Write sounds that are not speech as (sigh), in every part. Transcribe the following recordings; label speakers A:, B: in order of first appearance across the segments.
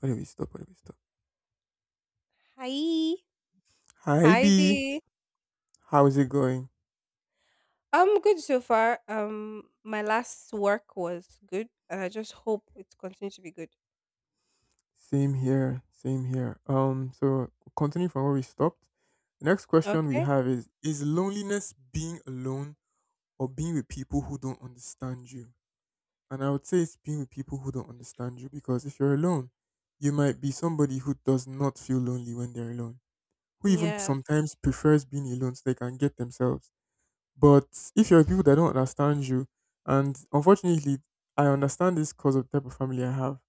A: Where do we stop? Where do we stop?
B: Hi.
A: Hi B,
B: Hi there.
A: how is it going?
B: I'm good so far. My last work was good, and I just hope it continues to be good.
A: Same here, same here. So continue from where we stopped. The next question we
B: Okay.
A: have is loneliness being alone or being with people who don't understand you? And I would say it's being with people who don't understand you because if you're alone, you might be somebody who does not feel lonely when they're alone, who even
B: Yes.
A: sometimes prefers being alone so they can get themselves. But if you're with people that don't understand you, and unfortunately, I understand this because of the type of family I have.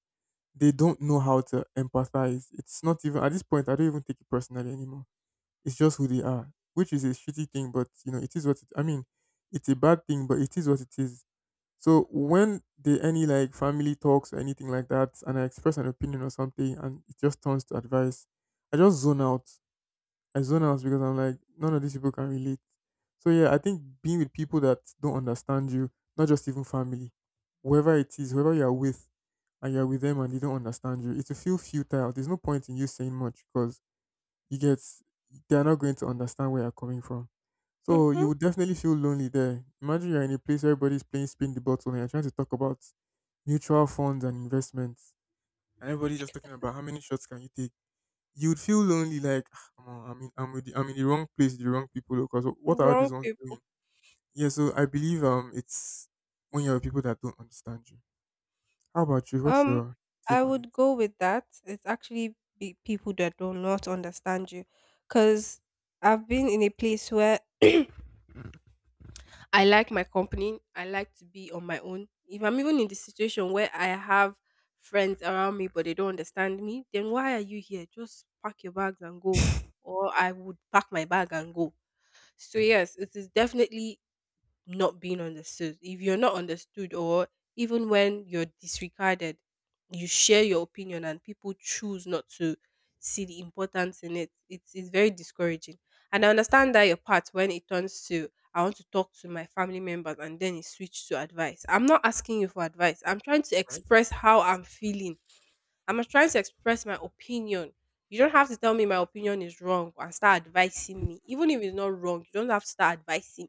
A: They don't know how to empathize. It's not even at this point. I don't even take it personally anymore. It's just who they are, which is a shitty thing. But you know, it is what it. I mean, it's a bad thing, but it is what it is. So when they any like family talks or anything like that, and I express an opinion or something, and it just turns to advice, I just zone out. I zone out because I'm like, none of these people can relate. So yeah, I think being with people that don't understand you, not just even family, whoever it is, whoever you are with, and you're with them and they don't understand you, it will feel futile. There's no point in you saying much because you get they're not going to understand where you're coming from. So
B: Mm-hmm.
A: you would definitely feel lonely there. Imagine you're in a place where everybody's playing spin the bottle and you're trying to talk about mutual funds and investments. And everybody's just talking about how many shots can you take? You would feel lonely, like, "Omo, I'm in, I'm with the, I'm in the wrong place, the wrong people. Because what are all
B: Wrong
A: these ones
B: people.
A: doing?" Yeah, so I believe it's when you're with people that don't understand you. How about you? What's
B: Um,
A: your
B: I
A: take on it?
B: would go with that. It's actually be people that do not understand you, because I've been in a place where I like my company. I like to be on my own. If I'm even in the situation where I have friends around me but they don't understand me, then why are you here? Just pack your bags and go. Or I would pack my bag and go. So yes, it is definitely not being understood. If you're not understood, or even when you're disregarded, you share your opinion and people choose not to see the importance in it. It's very discouraging. And I understand that your part when it turns to, I want to talk to my family members and then it switched to advice. I'm not asking you for advice. I'm trying to
A: Right.
B: express how I'm feeling. I'm not trying to express my opinion. You don't have to tell me my opinion is wrong and start advising me. Even if it's not wrong, you don't have to start advising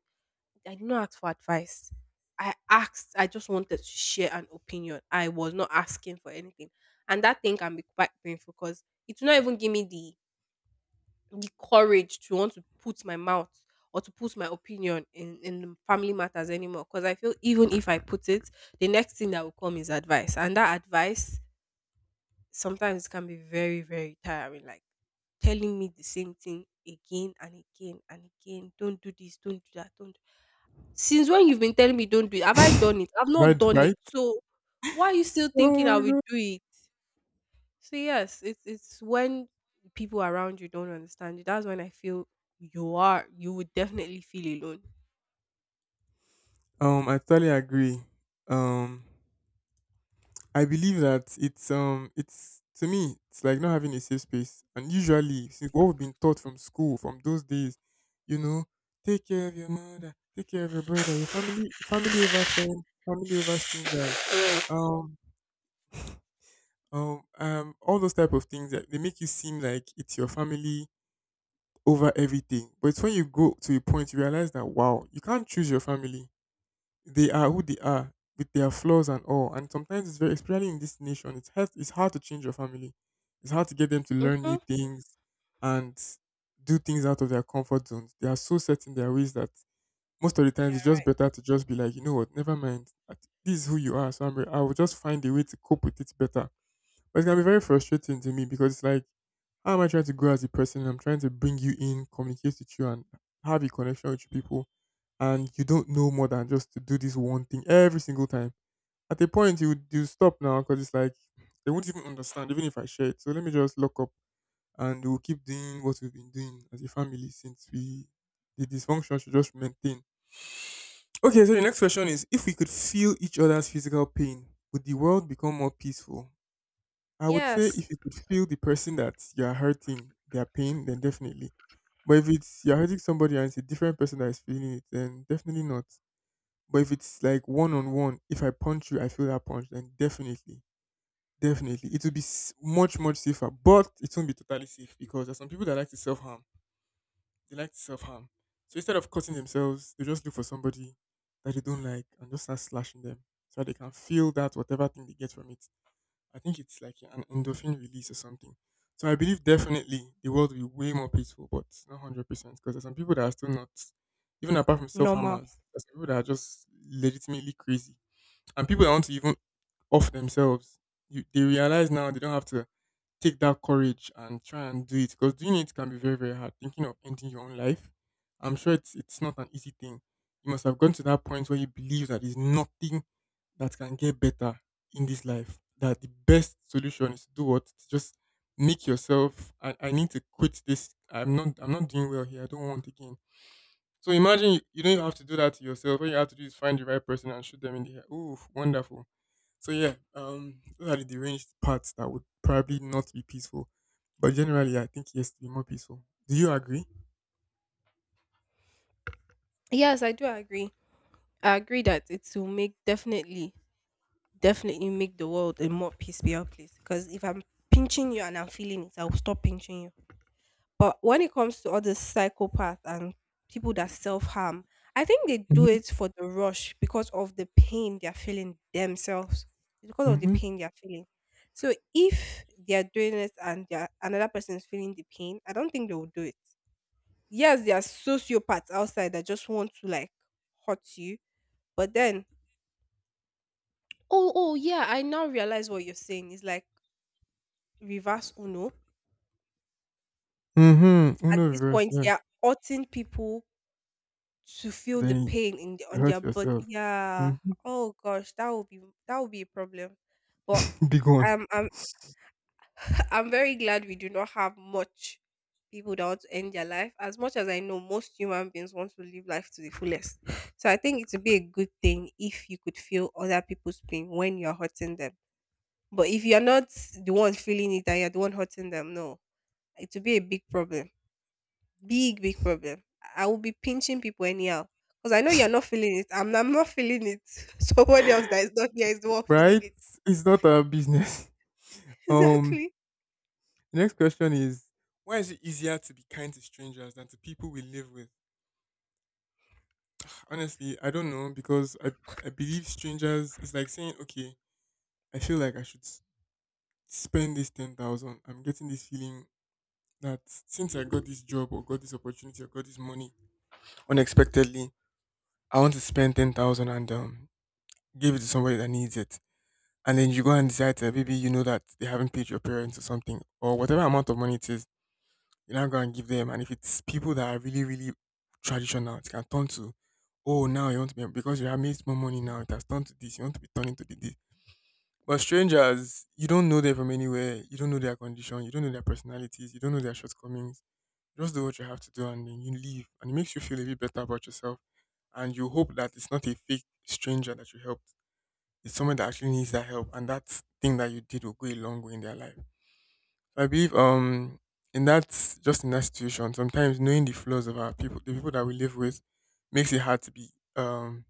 B: I did not ask for advice. I asked, I just wanted to share an opinion. I was not asking for anything. And that thing can be quite painful because it will not even give me the courage to want to put my mouth or to put my opinion in family matters anymore. Because I feel even if I put it, the next thing that will come is advice. And that advice sometimes it can be very, very tiring. Like telling me the same thing again and again and again. Don't do this, don't do that, don't. Since when you've been telling me don't do it, have I done it? I've
A: (laughs)
B: not
A: Right,
B: done it.
A: right.
B: So why are you still thinking
A: Oh
B: I
A: my
B: will
A: god.
B: do it? So yes, it's when people around you don't understand you. That's when I feel you are you would definitely feel alone.
A: I totally agree. Um, I believe that it's to me it's like not having a safe space. And usually since what we've been taught from school from those days, you know, take care of your mother, take care of your brother, your family family over friends, family over strangers. Um all those type of things that they make you seem like it's your family over everything. But it's when you go to a point you realize that wow, you can't choose your family, they are who they are with their flaws and all. And sometimes it's very, especially in this nation, it's hard to change your family. It's hard to get them to learn
B: Mm-hmm.
A: new things and do things out of their comfort zones. They are so set in their ways that most of the time
B: Yeah,
A: it's just
B: right.
A: better to just be like, you know what, never mind. At- This is who you are. So I'm, re- I will just find a way to cope with it better. But it's going to be very frustrating to me because it's like, how am I trying to grow as a person? I'm trying to bring you in, communicate with you, and have a connection with you people. And you don't know more than just to do this one thing every single time. At a point, you stop now because it's like they won't even understand, even if I share it. So let me just lock up, and we'll keep doing what we've been doing as a family since we the dysfunction should just maintain. Okay, so the next question is: If we could feel each other's physical pain, would the world become more peaceful? I would say
B: Yes.
A: if you could feel the person that you are hurting, their pain, then definitely. But if it's you're hurting somebody and it's a different person that is feeling it, then definitely not. But if it's like one on one, if I punch you, I feel that punch, then definitely, definitely, it will be s- much much safer. But it won't be totally safe because there's some people that like to self harm. They like to self harm. So instead of cutting themselves, they just look for somebody that they don't like and just start slashing them so that they can feel that whatever thing they get from it. I think it's like an endorphin release or something. So I believe definitely the world will be way more peaceful, but not 100% because there's some people that are still not, even apart from self
B: Normal.
A: harmers, there's some people that are just legitimately crazy, and people that want to even off themselves. You, they realize now they don't have to take that courage and try and do it because doing it can be very very hard. Thinking of ending your own life, I'm sure it's not an easy thing. You must have gone to that point where you believe that there's nothing that can get better in this life, that the best solution is to do what, to just make yourself, I need to quit this, I'm not, I'm not doing well here, I don't want again. So imagine you, you don't have to do that to yourself, all you have to do is find the right person and shoot them in the head. Ooh, wonderful. So yeah, those are the deranged parts that would probably not be peaceful. But generally, I think it has to be more peaceful. Do you agree?
B: Yes, I do agree. I agree that it will make definitely definitely make the world a more peaceful place. Because if I'm pinching you and I'm feeling it, I'll stop pinching you. But when it comes to all the psychopaths and people that self harm, I think they do
A: Mm-hmm.
B: it for the rush because of the pain they're feeling themselves. It's because of the
A: Mm-hmm.
B: pain they're feeling. So if they're doing it and they're, another person is feeling the pain, I don't think they will do it. Yes, there are sociopaths outside that just want to like hurt you, but then oh oh yeah, I now realize what you're saying. It's like reverse Uno.
A: Mm-hmm.
B: At
A: Uno
B: this
A: reverse,
B: point, they
A: yeah.
B: are urging people to feel the
A: Then
B: pain in the,
A: you
B: on their
A: hurt
B: body.
A: yourself.
B: Yeah.
A: Mm-hmm.
B: Oh gosh, that would be a problem. But
A: (laughs) Big one.
B: I'm (laughs) I'm very glad we do not have much people that want to end their life. As much as I know, most human beings want to live life to the fullest. So I think it would be a good thing if you could feel other people's pain when you're hurting them. But if you're not the one feeling it and you're the one hurting them, no, it would be a big problem. Big, big problem. I will be pinching people anyhow. Because I know you're not feeling it. I'm not feeling it. (laughs) Someone else that is not here is the one feeling
A: Right?
B: it.
A: It's not our business. (laughs)
B: (laughs)
A: Um,
B: Exactly.
A: the next question is, why is it easier to be kind to strangers than to people we live with? Honestly, I don't know because I believe strangers is like saying, okay, I feel like I should s- spend this 10,000. I'm getting this feeling that since I got this job or got this opportunity or got this money unexpectedly, I want to spend 10,000 and give it to somebody that needs it. And then you go and decide that maybe you know that they haven't paid your parents or something or whatever amount of money it is, you now go and give them. And if it's people that are really, really traditional, it can turn to, oh, now you want to be because you have made more money now, it has turned to this, you want to be turning to the this. But strangers, you don't know them from anywhere, you don't know their condition, you don't know their personalities, you don't know their shortcomings. Just do what you have to do and then you leave. And it makes you feel a bit better about yourself. And you hope that it's not a fake stranger that you helped. It's someone that actually needs that help. And that thing that you did will go a long way in their life. So I believe in that, just in that situation, sometimes knowing the flaws of our people, the people that we live with, makes it hard to be um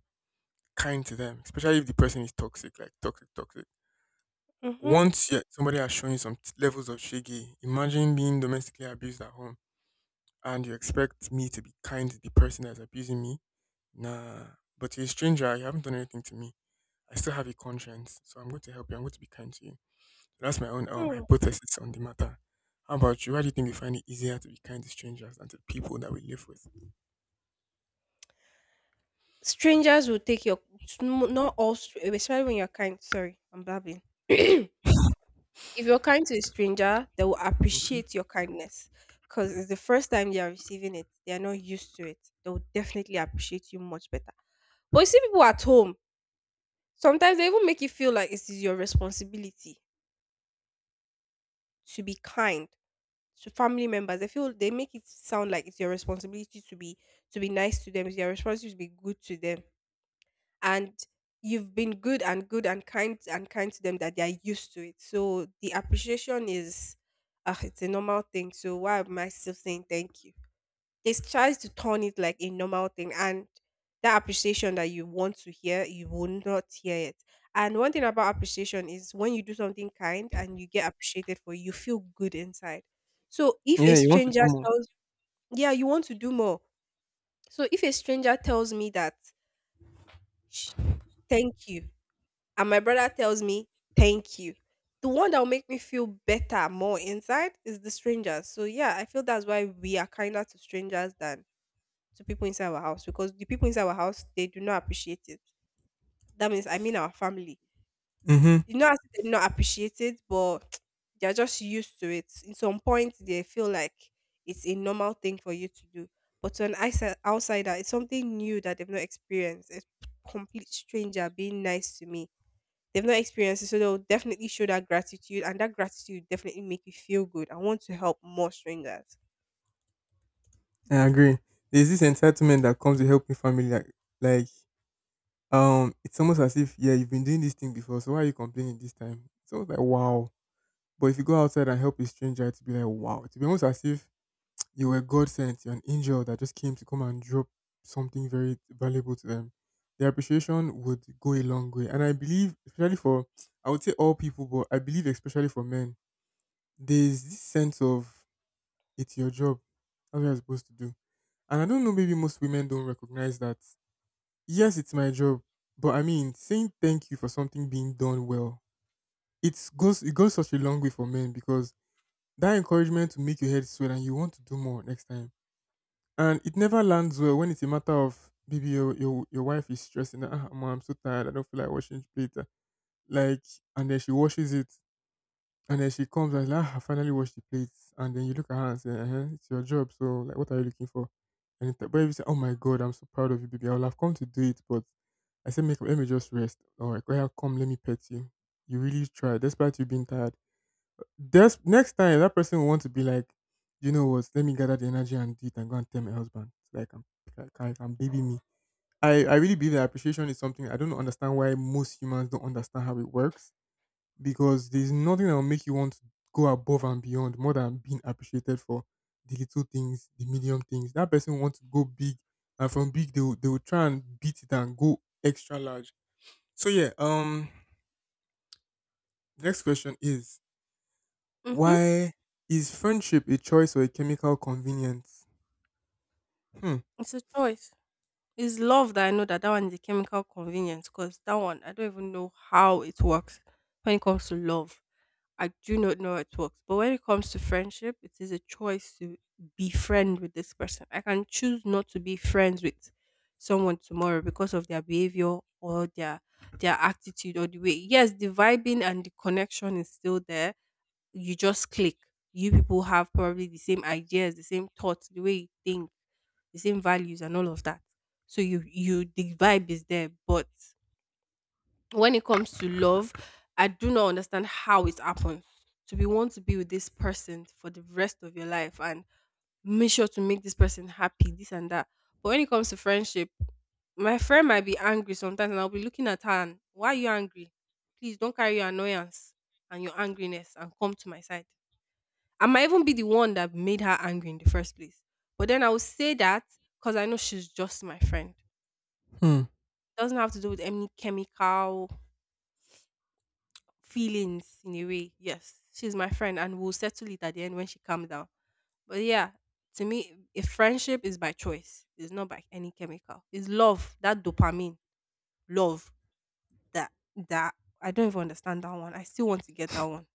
A: kind to them, especially if the person is toxic, like toxic, toxic.
B: Mm-hmm.
A: Once yeah, somebody has shown you some t- levels of shaggy, imagine being domestically abused at home and you expect me to be kind to the person that's abusing me? Nah. But you're a stranger, you haven't done anything to me. I still have a conscience, so I'm going to help you. I'm going to be kind to you. That's my own hypothesis on the matter. How about you? Why do you think we find it easier to be kind to strangers than to people that we live with?
B: Strangers will take your not all especially when you're kind. Sorry, I'm blabbing. (clears throat) If you're kind to a stranger, they will
A: Hmm.
B: appreciate your kindness because it's the first time they are receiving it. They are not used to it. They will definitely appreciate you much better. But you see people at home, sometimes they even make you feel like it is your responsibility to be kind to family members. I feel they make it sound like it's your responsibility to be nice to them. It's your responsibility to be good to them. And you've been good and good and kind to them that they are used to it. So the appreciation is it's a normal thing. So why am I still saying thank you? They tries to turn it like a normal thing, and that appreciation that you want to hear you will not hear it. And one thing about appreciation is when you do something kind and you get appreciated for it, you feel good inside. So if
A: Yeah,
B: a
A: you want to
B: stranger
A: do more.
B: tells yeah you want to do more. So if a stranger tells me that "Sh- thank you," and my brother tells me thank you, the one that will make me feel better more inside is the stranger. So yeah, I feel that's why we are kinder to strangers than to people inside our house, because the people inside our house they do not appreciate it. That means I mean our family.
A: Hmm.
B: You know, they do not appreciate it, but (tsk) they're just used to it. In some point, they feel like it's a normal thing for you to do. But to an outsider, it's something new that they've not experienced. It's complete stranger being nice to me. They've not experienced it, so they'll definitely show that gratitude, and that gratitude definitely make you feel good and want to help more strangers.
A: I agree. There's this entitlement that comes with helping family. Like, it's almost as if yeah, you've been doing this thing before, so why are you complaining this time? It's almost like wow. But if you go outside and help a stranger, it'd be like, wow. It'd be almost as if (tsk) you were God sent, you're an angel that just came to come and drop something very valuable to them. Their appreciation would go a long way. And I believe, especially for, I would say all people, but I believe especially for men, there's this sense of it's your job. That's what you're supposed to do. And I don't know, maybe most women don't recognize that. Yes, it's my job. But I mean, saying thank you for something being done well, it goes such a long way for men because that encouragement to make your head sweat and you want to do more next time. And it never lands well when it's a matter of baby, your wife is stressing that mom, I'm so tired, I don't feel like washing the plate. Like and then she washes it and then she comes and is like, I finally washed the plates, and then you look at her and say, it's your job, so like what are you looking for? But if you say, oh my god, I'm so proud of you, baby, I will have come to do it. But I said make let me just rest. Or like, well, come, let me pet you. You really tried, despite you being tired. That's next time that person will want to be like, you know what? Let me gather the energy and do it and go and tell my husband. Like, I can baby me. I really believe that appreciation is something. I don't understand why most humans don't understand how it works, because there's nothing that will make you want to go above and beyond more than being appreciated for the little things, the medium things. That person wants to go big, and from big they will try and beat it and go extra large. So yeah, next question is:
B: Mm-hmm.
A: why is friendship a choice or a chemical convenience? Hmm.
B: It's a choice. It's love that I know that that one is a chemical convenience, because that one I don't even know how it works when it comes to love. I do not know how it works. But when it comes to friendship, it is a choice to be friend with this person. I can choose not to be friends with someone tomorrow because of their behavior or their attitude or the way. Yes, the vibing and the connection is still there you just click. You people have probably the same ideas, the same thoughts, the way you think, the same values and all of that. So you the vibe is there. But when it comes to love, I do not understand how it happens. To be want to be with this person for the rest of your life and make sure to make this person happy, this and that. But when it comes to friendship, my friend might be angry sometimes and I'll be looking at her and why are you angry? Please don't carry your annoyance and your angriness and come to my side. I might even be the one that made her angry in the first place. But then I will say that because I know she's just my friend.
A: Hmm.
B: Doesn't have to do with any chemical feelings in a way. Yes, she's my friend and we'll settle it at the end when she calms down. But yeah, to me, a friendship is by choice. It's not by any chemical. It's love, that dopamine, love that that I don't even understand that one. I still want to get that one.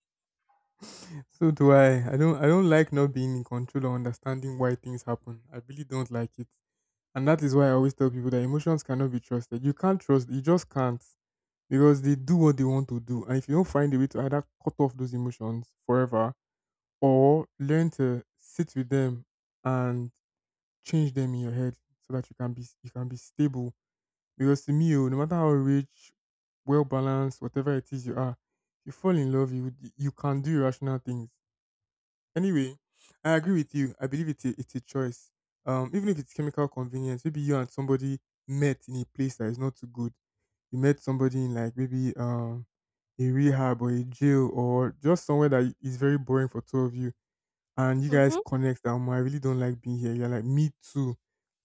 A: So do I. I don't like not being in control or understanding why things happen. I really don't like it. And that is why I always tell people that emotions cannot be trusted. You just can't. Because they do what they want to do. And if you don't find a way to either cut off those emotions forever, or learn to sit with them and change them in your head, so that you can be stable. Because to me, oh, no matter how rich, well balanced, whatever it is you are, if you fall in love, you can do irrational things. Anyway, I agree with you. I believe it's a choice. Even if it's chemical convenience, maybe you and somebody met in a place that is not too good. You met somebody in like maybe a rehab or a jail or just somewhere that is very boring for two of you and you guys
B: Mm-hmm.
A: connect. I really don't like being here. You're like, me too.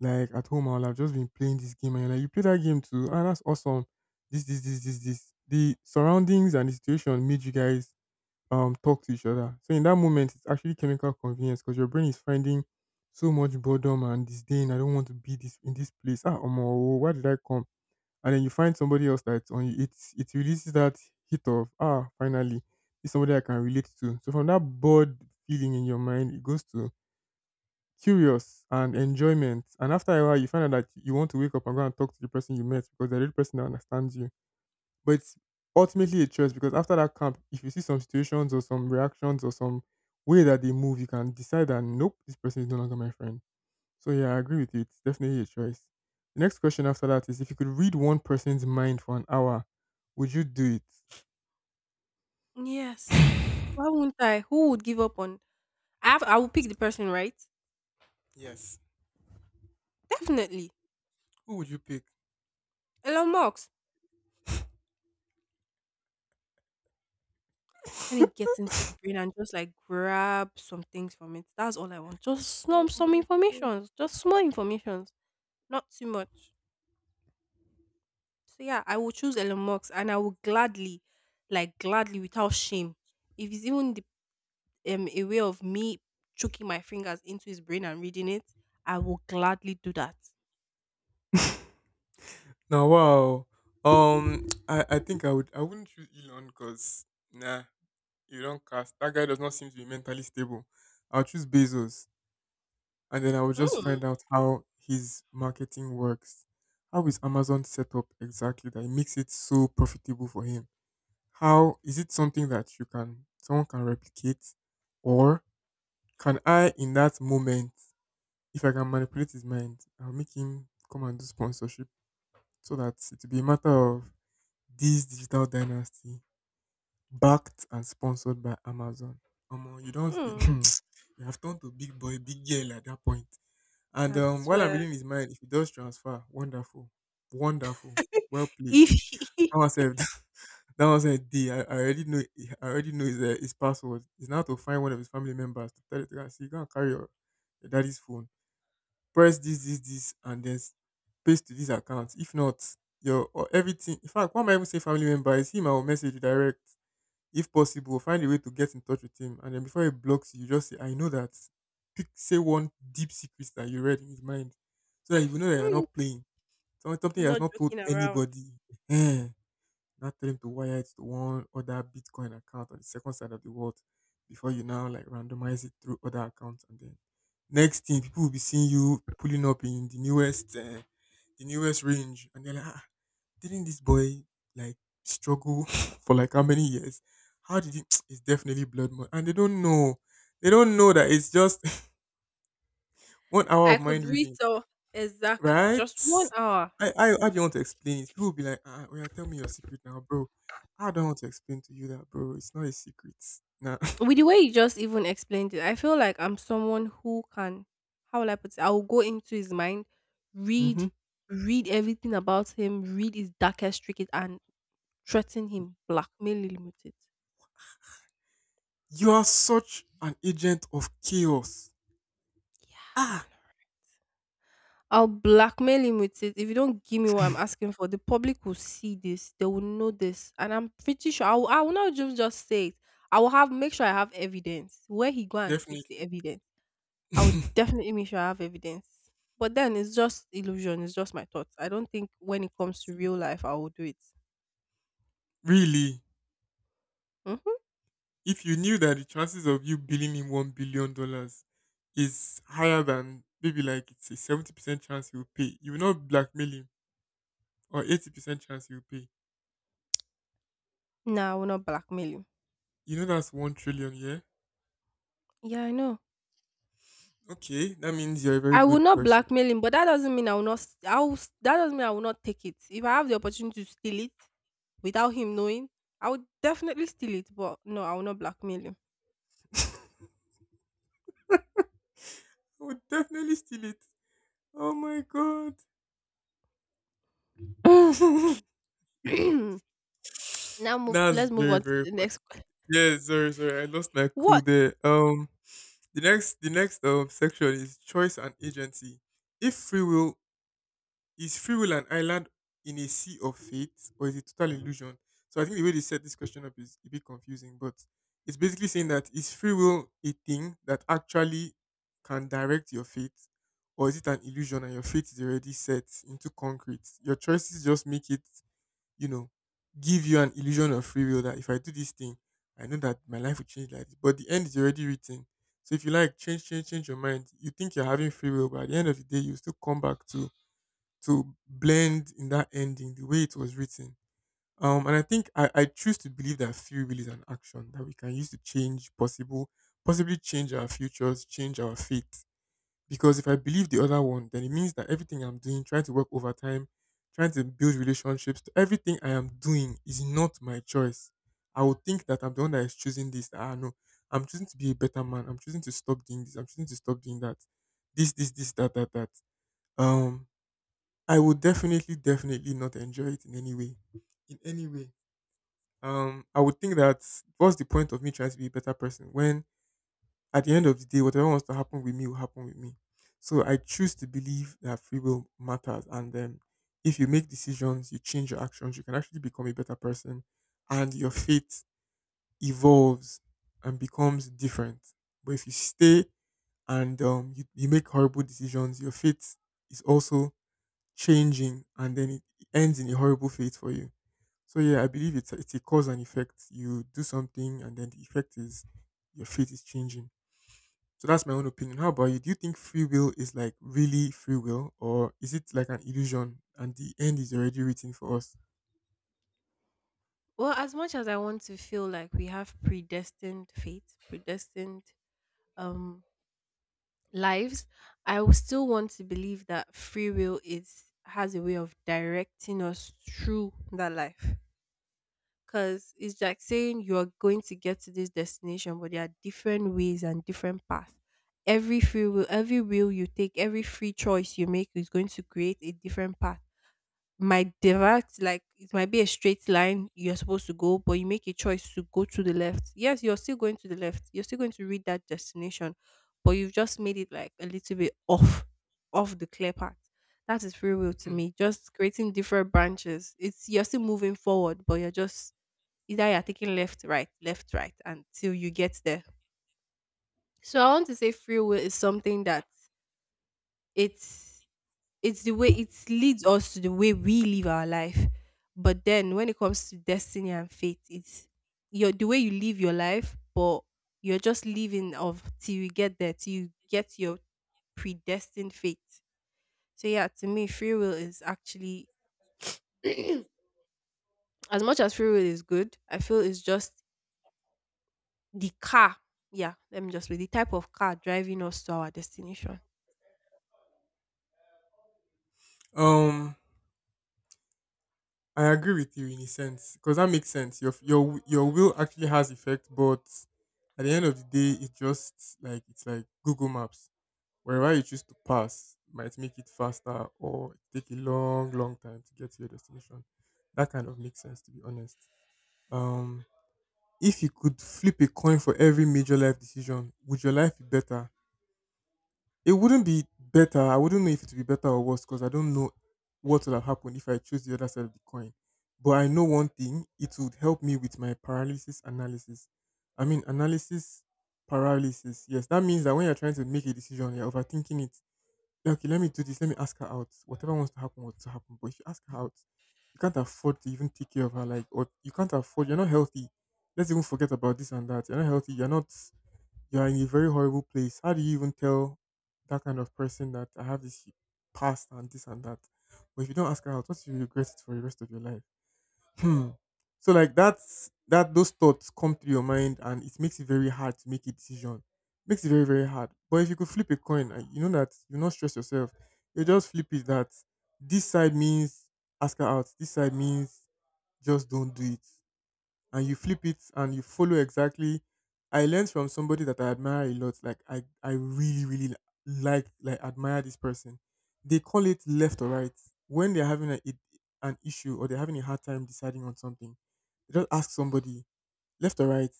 A: Like at home, I'll have just been playing this game and you're like, you play that game too. Ah, that's awesome. This. The surroundings and the situation made you guys talk to each other. So in that moment, it's actually chemical convenience because your brain is finding so much boredom and disdain. I don't want to be this in this place. Ah, Omo, why did I come? And then you find somebody else that on you, it releases that hit of ah finally it's somebody I can relate to. So from that bored feeling in your mind, it goes to curious and enjoyment. And after a while, you find out that you want to wake up and go and talk to the person you met because they're the person that understands you. But it's ultimately a choice, because after that camp, if you see some situations or some reactions or some way that they move, you can decide that nope, this person is no longer my friend. So yeah, I agree with you. It's definitely a choice. The next question after that is, if you could read one person's mind for an hour, would you do it?
B: Yes. Why would not I? Who would give up on? I have. I will pick the person, right?
A: Yes.
B: Definitely.
A: Who would you pick?
B: Elon Musk. Let me
A: (laughs)
B: get into your brain and just like grab some things from it. That's all I want. Just
A: Oh
B: some
A: my god.
B: information. Just small information, not too much. So yeah, I will choose Elon Musk and I will gladly, like gladly without shame. If it's even a way of me choking my fingers into his brain and reading it, I will gladly do that.
A: Now wow. (tsk) I think I wouldn't choose Elon because nah, you don't cast that guy does not seem to be mentally stable. I'll choose Bezos and then I will just
B: Hmm.
A: find out how his marketing works. How is Amazon set up exactly that it makes it so profitable for him? How is it something that you can someone can replicate, or can I in that moment, if I can manipulate his mind, I'll make him come and do sponsorship, so that it will be a matter of this digital dynasty backed and sponsored by Amazon. Omo, you don't (clears throat)
B: Hmm.
A: you, (laughs) have turned to big boy, big girl at that point. And
B: I
A: while I'm
B: swear.
A: reading
B: (laughs)
A: his mind, if he does transfer, wonderful, wonderful, well played.
B: If
A: (laughs)
B: he,
A: Now I said, that was a D. I already know. I already know his password. It's now to find one of his family members to tell it to her. See, go and carry your daddy's phone. Press this, and then paste to this account. If not, your or everything. In fact, why am I even saying family member? It's him. I will message you direct. If possible, find a way to get in touch with him, and then before he blocks you, you just say, "I know that." Say one deep secret that you read in his mind, so that you know that you're
B: hmm.
A: not playing. Something
B: I'm
A: he has
B: not
A: not told
B: joking around.
A: anybody. Eh, not tell him to wire it to one other Bitcoin account on the second side of the world, before you now like randomize it through other accounts, and then next thing people will be seeing you pulling up in the newest range and they're like ah, didn't this boy like struggle (laughs) for like how many years, how did he (tsk) it's definitely blood money and they don't know that it's just (laughs) 1 hour
B: I
A: of
B: could
A: mind
B: read
A: reading.
B: so exactly
A: Right?
B: just 1 hour.
A: How do you want to explain it? People will be like, ah, well, tell me your secret now, bro. I don't want to explain to you that, bro. It's not a secret. Nah.
B: With the way you just even explained it, I feel like I'm someone who can how will I put it? I will go into his mind,
A: (laughs)
B: read
A: Hmm.
B: read everything about him, read his darkest trick and threaten him, blackmail him with it.
A: You are such an agent of chaos.
B: Yeah, I
A: Ah,
B: know. I'll blackmail him with it. If you don't give me what I'm asking for, the public will see this. They will know this. And I'm pretty sure I will not just say it. I will have make sure I have evidence. Where he go and keeps the
A: definitely.
B: evidence. I would
A: (laughs)
B: definitely make sure I have evidence. But then it's just illusion. It's just my thoughts. I don't think when it comes to real life, I will do it.
A: Really,
B: Hmm.
A: if you knew that the chances of you billing him $1 billion is higher than maybe like it's a 70% chance he will pay, you will not blackmail him, or 80% chance he will pay.
B: No, I will not blackmail him.
A: You know that's 1 trillion, yeah.
B: Yeah, I know.
A: Okay, that means you're a very
B: I will
A: good
B: not
A: person.
B: blackmail him, but that doesn't mean I will not. I will, that doesn't mean I will not take it. If I have the opportunity to steal it without him knowing, I would definitely steal it. But no, I will not blackmail him.
A: I would definitely steal it. Oh my god. (laughs)
B: (clears throat)
A: That's
B: Let's move
A: very,
B: on to
A: very
B: the next
A: funny.
B: (laughs) question.
A: Yeah, sorry, sorry. I lost my cool
B: What?
A: there. The next section is choice and agency. If free will Is free will an island in a sea of fate, or is it total illusion? So I think the way they set this question up is a bit confusing, but it's basically saying that is free will a thing that actually can direct your fate, or is it an illusion and your fate is already set into concrete? Your choices just make it, you know, give you an illusion of free will, that if I do this thing, I know that my life will change like this, but the end is already written. So if you like change your mind, you think you're having free will, but at the end of the day, you still come back to blend in that ending the way it was written. And I think I choose to believe that free will is an action that we can use to change possibly change our futures, change our fate. Because if I believe the other one, then it means that everything I'm doing, trying to work overtime, trying to build relationships, everything I am doing is not my choice. I would think that I'm the one that is choosing this. That, ah, no, I'm choosing to be a better man. I'm choosing to stop doing this. I'm choosing to stop doing that. This, that. Um, I would definitely, definitely not enjoy it in any way. In any way. I would think that what's the point of me trying to be a better person when at the end of the day, whatever wants to happen with me will happen with me. So I choose to believe that free will matters, and then if you make decisions, you change your actions, you can actually become a better person, and your faith evolves and becomes different. But if you stay and you make horrible decisions, your faith is also changing, and then it ends in a horrible fate for you. So yeah, I believe it's a cause and effect. You do something and then the effect is your fate is changing. So that's my own opinion. How about you? Do you think free will is like really free will, or is it like an illusion and the end is already written for us?
B: Well, as much as I want to feel like we have predestined fate, predestined um lives, I will still want to believe that free will is has a way of directing us through that life. Cause it's like saying you're going to get to this destination, but there are different ways and different paths. Every free will, every will you take, every free choice you make is going to create a different path, might divert, like it might be a straight line you're supposed to go, but you make a choice to go to the left. Yes, you're still going to the left, you're still going to reach that destination, but you've just made it like a little bit off, off the clear path. That is free will to
A: Mm.
B: me, just creating different branches. It's You're still moving forward, but you're just, either you're taking left, right, left, right until you get there. So I want to say free will is something that, it's it's the way it leads us to the way we live our life. But then when it comes to destiny and fate, it's your the way you live your life, but you're just living of till you get there, till you get your predestined fate. So yeah, to me, free will is actually (clears throat) as much as free will is good, I feel it's just the car. Yeah, let me just be the type of car driving us to our destination.
A: Um, I agree with you in a sense because that makes sense. Your will actually has effect, but at the end of the day, it's just like it's like Google Maps. Wherever you choose to pass might make it faster or take a long, long time to get to your destination. That kind of makes sense, to be honest. Um, if you could flip a coin for every major life decision, would your life be better? It wouldn't be better. I wouldn't know if it would be better or worse because I don't know what will have happened if I choose the other side of the coin. But I know one thing: it would help me with my paralysis analysis. I mean, analysis paralysis. Yes, that means that when you're trying to make a decision, you're overthinking it. Okay, let me do this. Let me ask her out. Whatever wants to happen, wants to happen. But if you ask her out, you can't afford to even take care of her. Like, or you can't afford. You're not healthy. Let's even forget about this and that. You're not healthy. You're not. You're in a very horrible place. How do you even tell that kind of person that I have this past and this and that? But if you don't ask her out, what if you regret it for the rest of your life? Hmm. So like that's that those thoughts come through your mind and it makes it very hard to make a decision. Makes it very, very hard. But if you could flip a coin and you know that you not stress yourself, you just flip it that this side means ask her out, this side means just don't do it and you flip it and you follow exactly. I learned from somebody that I admire a lot. Like I really, really like admire this person. They call it left or right when they're having an issue or they're having a hard time deciding on something. They just ask somebody left or right,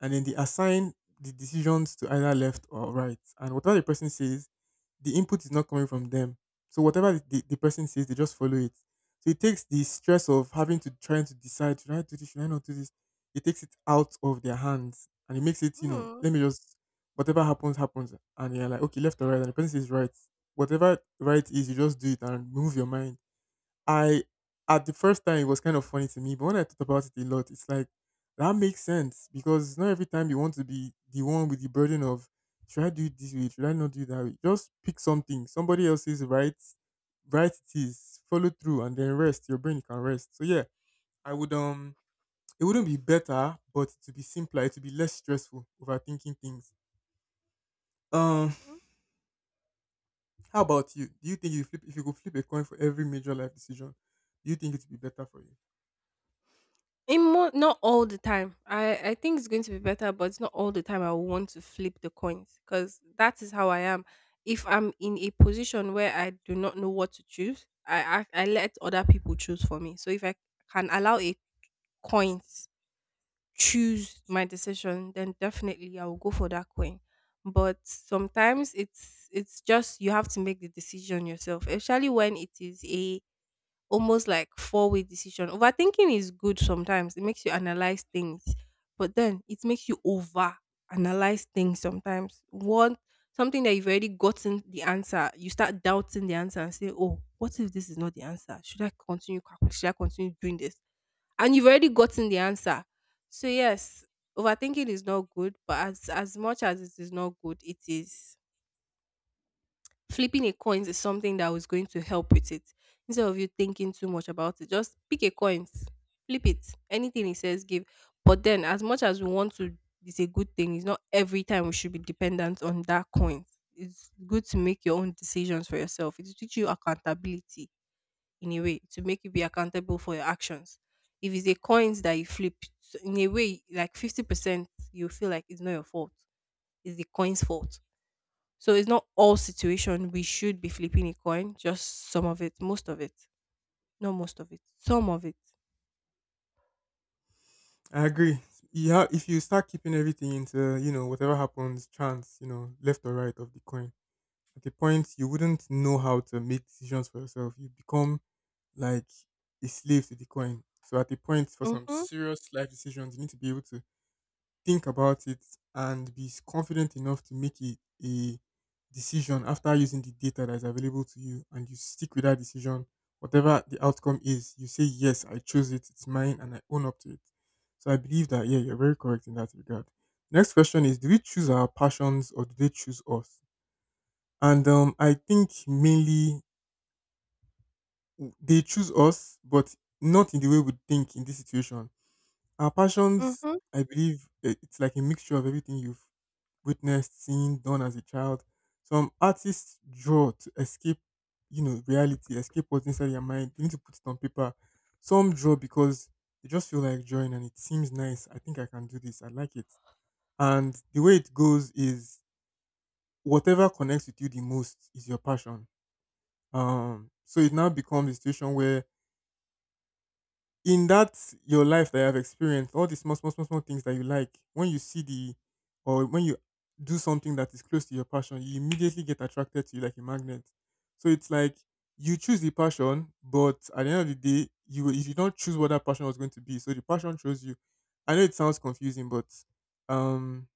A: and then they assign the decisions to either left or right. And whatever the person says, the input is not coming from them. So whatever the person says, they just follow it. So it takes the stress of having to trying to decide, should I do this, should I not do this? It takes it out of their hands and it makes it, you know,
B: Hmm.
A: let me just whatever happens, happens. And you're like, okay, left or right, and the person says right. Whatever right is, you just do it and move your mind. I At the first time it was kind of funny to me, but when I thought about it a lot, it's like that makes sense because not every time you want to be the one with the burden of should I do it this way, should I not do it that way? Just pick something. Somebody else's right, right it is, follow through and then rest. Your brain can rest. So yeah, I would, it wouldn't be better, but to be simpler, it would be less stressful overthinking things. Um How about you? Do you think you flip if you could flip a coin for every major life decision, do you think it would be better for you?
B: Not all the time. I think it's going to be better, but it's not all the time I will want to flip the coins, because that is how I am. If I'm in a position where I do not know what to choose, I let other people choose for me. So if I can allow a coin choose my decision, then definitely I will go for that coin. But sometimes it's just you have to make the decision yourself, especially when it is a almost like four-way decision. Overthinking is good sometimes, it makes you analyze things, but then it makes you over analyze things sometimes. One something that you've already gotten the answer, you start doubting the answer and say, oh, what if this is not the answer? Should I continue? Should I continue doing this? And you've already gotten the answer. So yes, overthinking is not good, but as much as it is not good, it is, flipping a coin is something that was going to help with it. Instead of you thinking too much about it, just pick a coin, flip it. Anything it says, give. But then, as much as we want to, it's a good thing. It's not every time we should be dependent on that coin. It's good to make your own decisions for yourself. It will teach you accountability, in a way to make you be accountable for your actions. If it's a coins that you flip, so in a way, like 50%, you feel like it's not your fault. It's the coin's fault, so it's not all situation we should be flipping a coin, just some of it, most of it, not most of it, some of it.
A: I agree. You if you start keeping everything into, you know, whatever happens, chance, you know, left or right of the coin, at a point you wouldn't know how to make decisions for yourself. You become like a slave to the coin. So at the point for some
B: Mhm,
A: serious life decisions, you need to be able to think about it and be confident enough to make a decision after using the data that is available to you and you stick with that decision. Whatever the outcome is, you say, yes, I chose it, it's mine, and I own up to it. So I believe that, yeah, you're very correct in that regard. Next question is: do we choose our passions or do they choose us? And I think mainly they choose us, but not in the way we think in this situation. Our passions,
B: mhm.
A: I believe, it's like a mixture of everything you've witnessed, seen, done as a child. Some artists draw to escape, you know, reality, escape what's inside their mind. They need to put it on paper. Some draw because they just feel like drawing and it seems nice. I think I can do this. I like it. And the way it goes is whatever connects with you the most is your passion. So it now becomes a situation where in that your life that you have experienced, all the small, small, small, small things that you like, when you see the or when you do something that is close to your passion, you immediately get attracted to you like a magnet. So it's like you choose the passion, but at the end of the day, you did not choose what that passion was going to be. So the passion chose you. I know it sounds confusing, but um,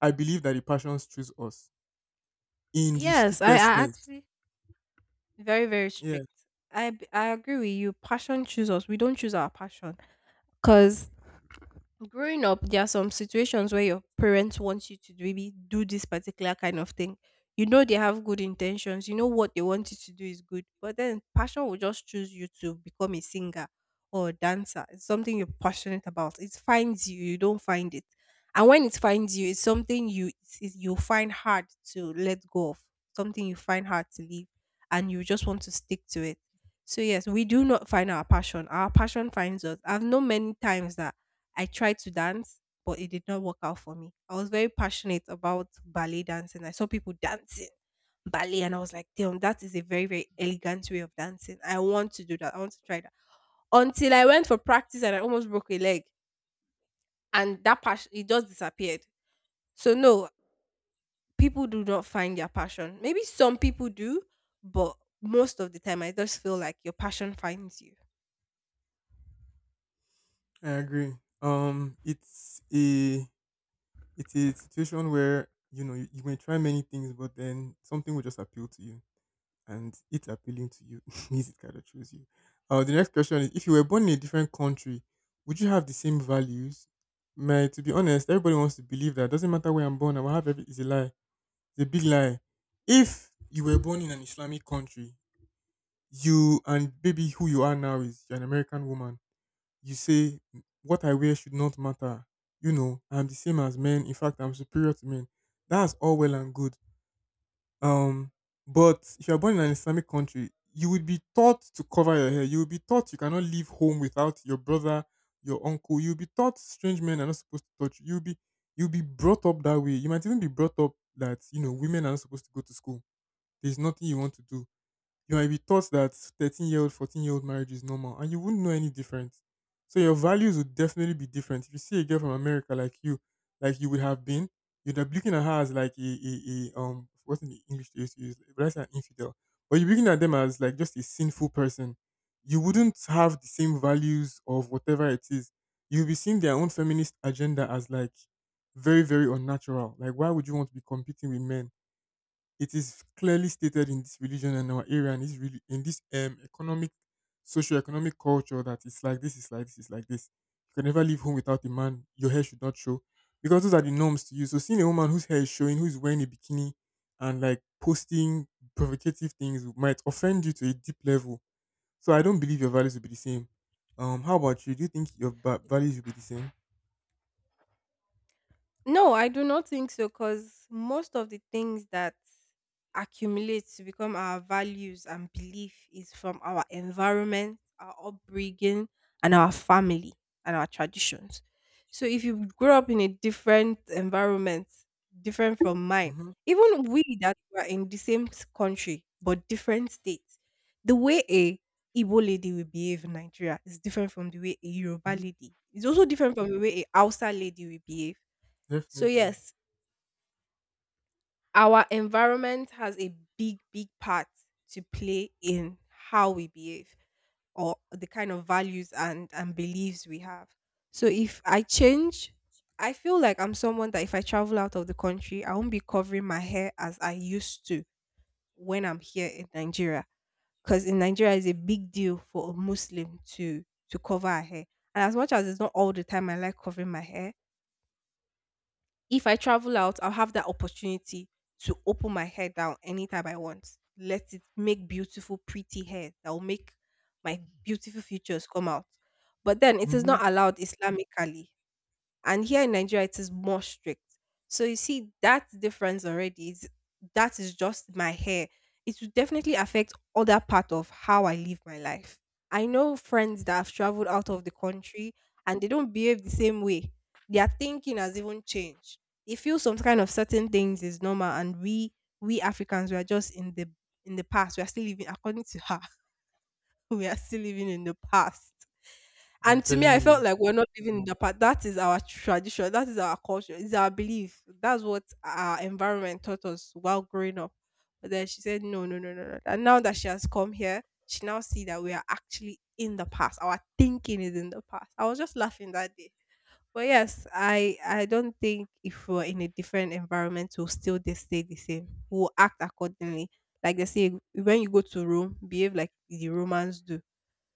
A: I believe that the passions choose us in the
B: Yes, I
A: strictest sense.
B: actually very very
A: Yeah,
B: strict. I agree with you. Passion chooses us. We don't choose our passion, because growing up, there are some situations where your parents want you to maybe do this particular kind of thing. You know they have good intentions. You know what they want you to do is good, but then passion will just choose you to become a singer or a dancer. It's something you're passionate about. It finds you. You don't find it, and when it finds you, it's something you you find hard to let go of. Something you find hard to leave, and you just want to stick to it. So yes, we do not find our passion. Our passion finds us. I've known many times that I tried to dance, but it did not work out for me. I was very passionate about ballet dancing. I saw people dancing ballet and I was like, damn, that is a very, very elegant way of dancing. I want to do that. I want to try that. Until I went for practice and I almost broke a leg, and that passion, it just disappeared. So no, people do not find their passion. Maybe some people do, but most of the time I just feel like your passion finds you.
A: I agree. Um, it's a It is a situation where you know you, you may try many things, but then something will just appeal to you, and it appealing to you (laughs) means it kind of chose you. The next question is: if you were born in a different country, would you have the same values? To be honest, everybody wants to believe that doesn't matter where I'm born, I will have every. It's a lie. It's a big lie. If you were born in an Islamic country, you and baby who you are now is you're an American woman, you say "M- what I wear should not matter. You know, I'm the same as men. In fact, I'm superior to men." That's all well and good. Um, but if you're born in an Islamic country, you would be taught to cover your hair. You would be taught you cannot leave home without your brother, your uncle. You'll be taught strange men are not supposed to touch you. You'll be brought up that way. You might even be brought up that you know women are not supposed to go to school. There's nothing you want to do. You might be taught that 13-year-old year old, 14-year-old year old marriage is normal and you wouldn't know any different. So your values would definitely be different. If you see a girl from America like you would have been, you'd be looking at her as like a, what's in the English they used to use, but that's an infidel. But you're looking at them as like just a sinful person. You wouldn't have the same values of whatever it is. You'll be seeing their own feminist agenda as like very, very unnatural. Like why would you want to be competing with men? It is clearly stated in this religion and our area and this really in this economic socio-economic culture that it's like this, it's like this, it's like this. You can never leave home without a man, your hair should not show. Because those are the norms to you. So seeing a woman whose hair is showing, who's wearing a bikini and like posting provocative things might offend you to a deep level. So I don't believe your values will be the same. How about you? Do you think your values will be the same?
B: No, I do not think so because most of the things that accumulate to become our values and belief is from our environment, our upbringing, and our family and our traditions. So if you grow up in a different environment, different from mine,
A: Mm-hmm.
B: even we that were in the same country but different states, the way a Igbo lady will behave in Nigeria is different from the way a Yoruba
A: Hmm.
B: lady. It's also different from the way a Hausa lady will behave. So
A: Definitely.
B: yes, our environment has a big, big part to play in how we behave or the kind of values and beliefs we have. So if I change, I feel like I'm someone that if I travel out of the country, I won't be covering my hair as I used to when I'm here in Nigeria. Because in Nigeria, it's a big deal for a Muslim to cover her hair. And as much as it's not all the time I like covering my hair, if I travel out, I'll have that opportunity to open my hair down anytime I want. Let it make beautiful, pretty hair that will make my beautiful features come out. But then it is
A: Mm-hmm.
B: not allowed Islamically, and here in Nigeria it is more strict. So you see that difference already is that is just my hair. It will definitely affect other part of how I live my life. I know friends that have traveled out of the country and they don't behave the same way. Their thinking has even changed. They feel some kind of certain things is normal and we Africans we are just in the past. We are still living according to her. (laughs) We are still living in the past.
A: I'm
B: And to me,
A: telling
B: I felt
A: you.
B: like we're not living in the past. That is our tradition. That is our culture. It's our belief. That's what our environment taught us while growing up. But then she said, no, no, no, no, no. And now that she has come here, she now see that we are actually in the past. Our thinking is in the past. I was just laughing that day. But yes, I don't think if we're in a different environment, we'll still just stay the same. We'll act accordingly. Like they say, when you go to Rome, behave like the Romans do.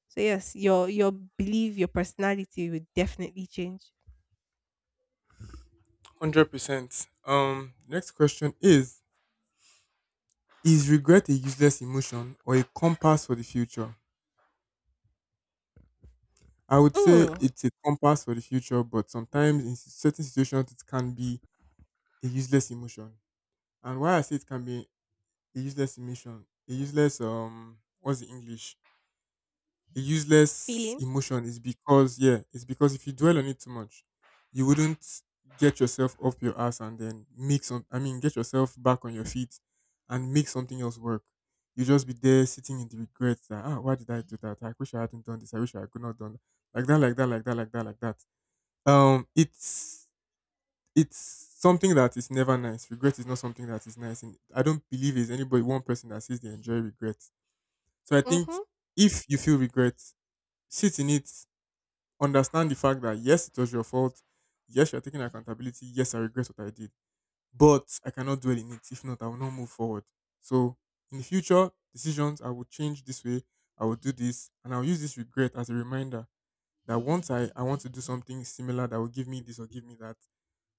B: So yes, your belief, your personality will definitely change.
A: 100%. Next question is: is regret a useless emotion or a compass for the future? I would say
B: Mm,
A: it's a compass for the future, but sometimes in certain situations it can be a useless emotion. And why I say it can be a useless emotion, a useless what's the English? A useless
B: feeling.
A: emotion is because yeah, it's because if you dwell on it too much, you wouldn't get yourself up your ass and then make some I mean get yourself back on your feet and make something else work. You just be there sitting in the regrets that why did I do that? I wish I hadn't done this, I wish I could not done that. Like that, like that, like that, like that, like that. Um it's it's something that is never nice. Regret is not something that is nice and I don't believe there's anybody one person that says they enjoy regret. So I think
B: Mm-hmm.
A: if you feel regret, sit in it, understand the fact that yes, it was your fault. Yes, you're taking accountability. Yes, I regret what I did, but I cannot dwell in it. If not, I will not move forward. So in the future decisions, I will change this way. I will do this, and I'll use this regret as a reminder that once I want to do something similar that will give me this or give me that,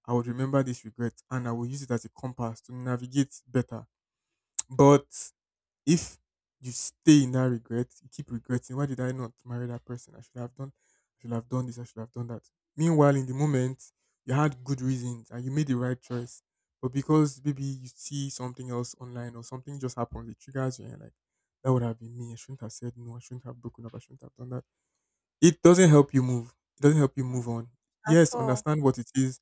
A: I would remember this regret and I will use it as a compass to navigate better. But if you stay in that regret, you keep regretting, why did I not marry that person? I should have done this, I should have done that. Meanwhile, in the moment, you had good reasons and you made the right choice. But because maybe you see something else online or something just happens, it triggers you and you're like, that would have been me. I shouldn't have said no, I shouldn't have broken up, I shouldn't have done that. It doesn't help you move. It doesn't help you move on.
B: At
A: Yes,
B: all.
A: understand what it is.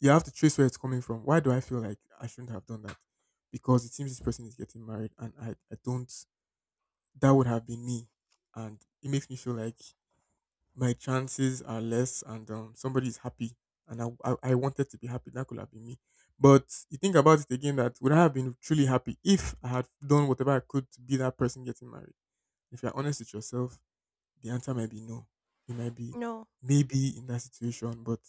A: You have to trace where it's coming from. Why do I feel like I shouldn't have done that? Because it seems this person is getting married and I don't. That would have been me. And it makes me feel like my chances are less and somebody is happy. And I wanted to be happy. That could have been me. But you think about it again that would I have been truly happy if I had done whatever I could to be that person getting married? If you're honest with yourself, the answer might be no. It might be
B: No.
A: maybe in that situation, but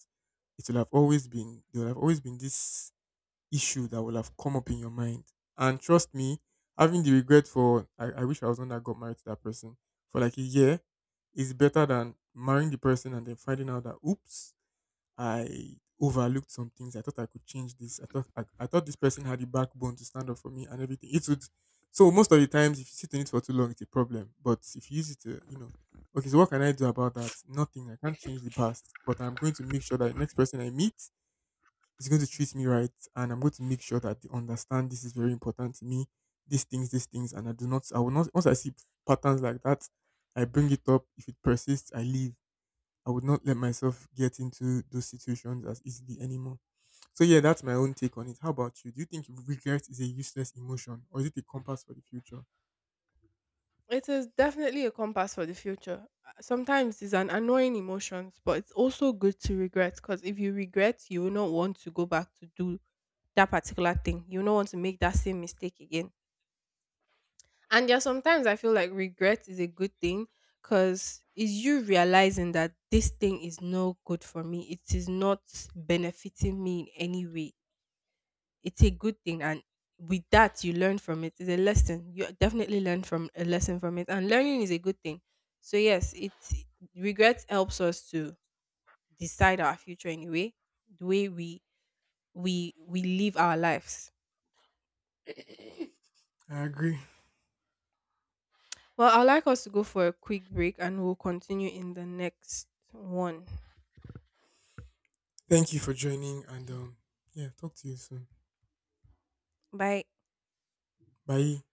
A: it will have always been, there will have always been this issue that will have come up in your mind. And trust me, having the regret for I wish I was the one that got married to that person for like a year is better than marrying the person and then finding out that oops, I overlooked some things. I thought I could change this. I thought I thought this person had the backbone to stand up for me and everything. It would so most of the times if you sit in it for too long it's a problem. But if you use it to, you know, okay, so what can I do about that? Nothing. I can't change the past. But I'm going to make sure that the next person I meet is going to treat me right and I'm going to make sure that they understand this is very important to me, these things, and I will not. Once I see patterns like that, I bring it up. If it persists, I leave. I would not let myself get into those situations as easily anymore. So yeah, that's my own take on it. How about you? Do you think regret is a useless emotion or is it a compass for the future?
B: It is definitely a compass for the future. Sometimes it's an annoying emotions, but it's also good to regret because if you regret, you will not want to go back to do that particular thing. You will not want to make that same mistake again. And yeah, sometimes I feel like regret is a good thing because it's you realizing that this thing is no good for me. It is not benefiting me in any way. It's a good thing. And with that, you learn from it. It's a lesson. You definitely learn from a lesson from it. And learning is a good thing. So, yes, it, regret helps us to decide our future anyway, the way we we live our lives. (coughs)
A: I agree.
B: Well, I'd like us to go for a quick break and we'll continue in the next one.
A: Thank you for joining and yeah, talk to you soon.
B: Bye.
A: Bye.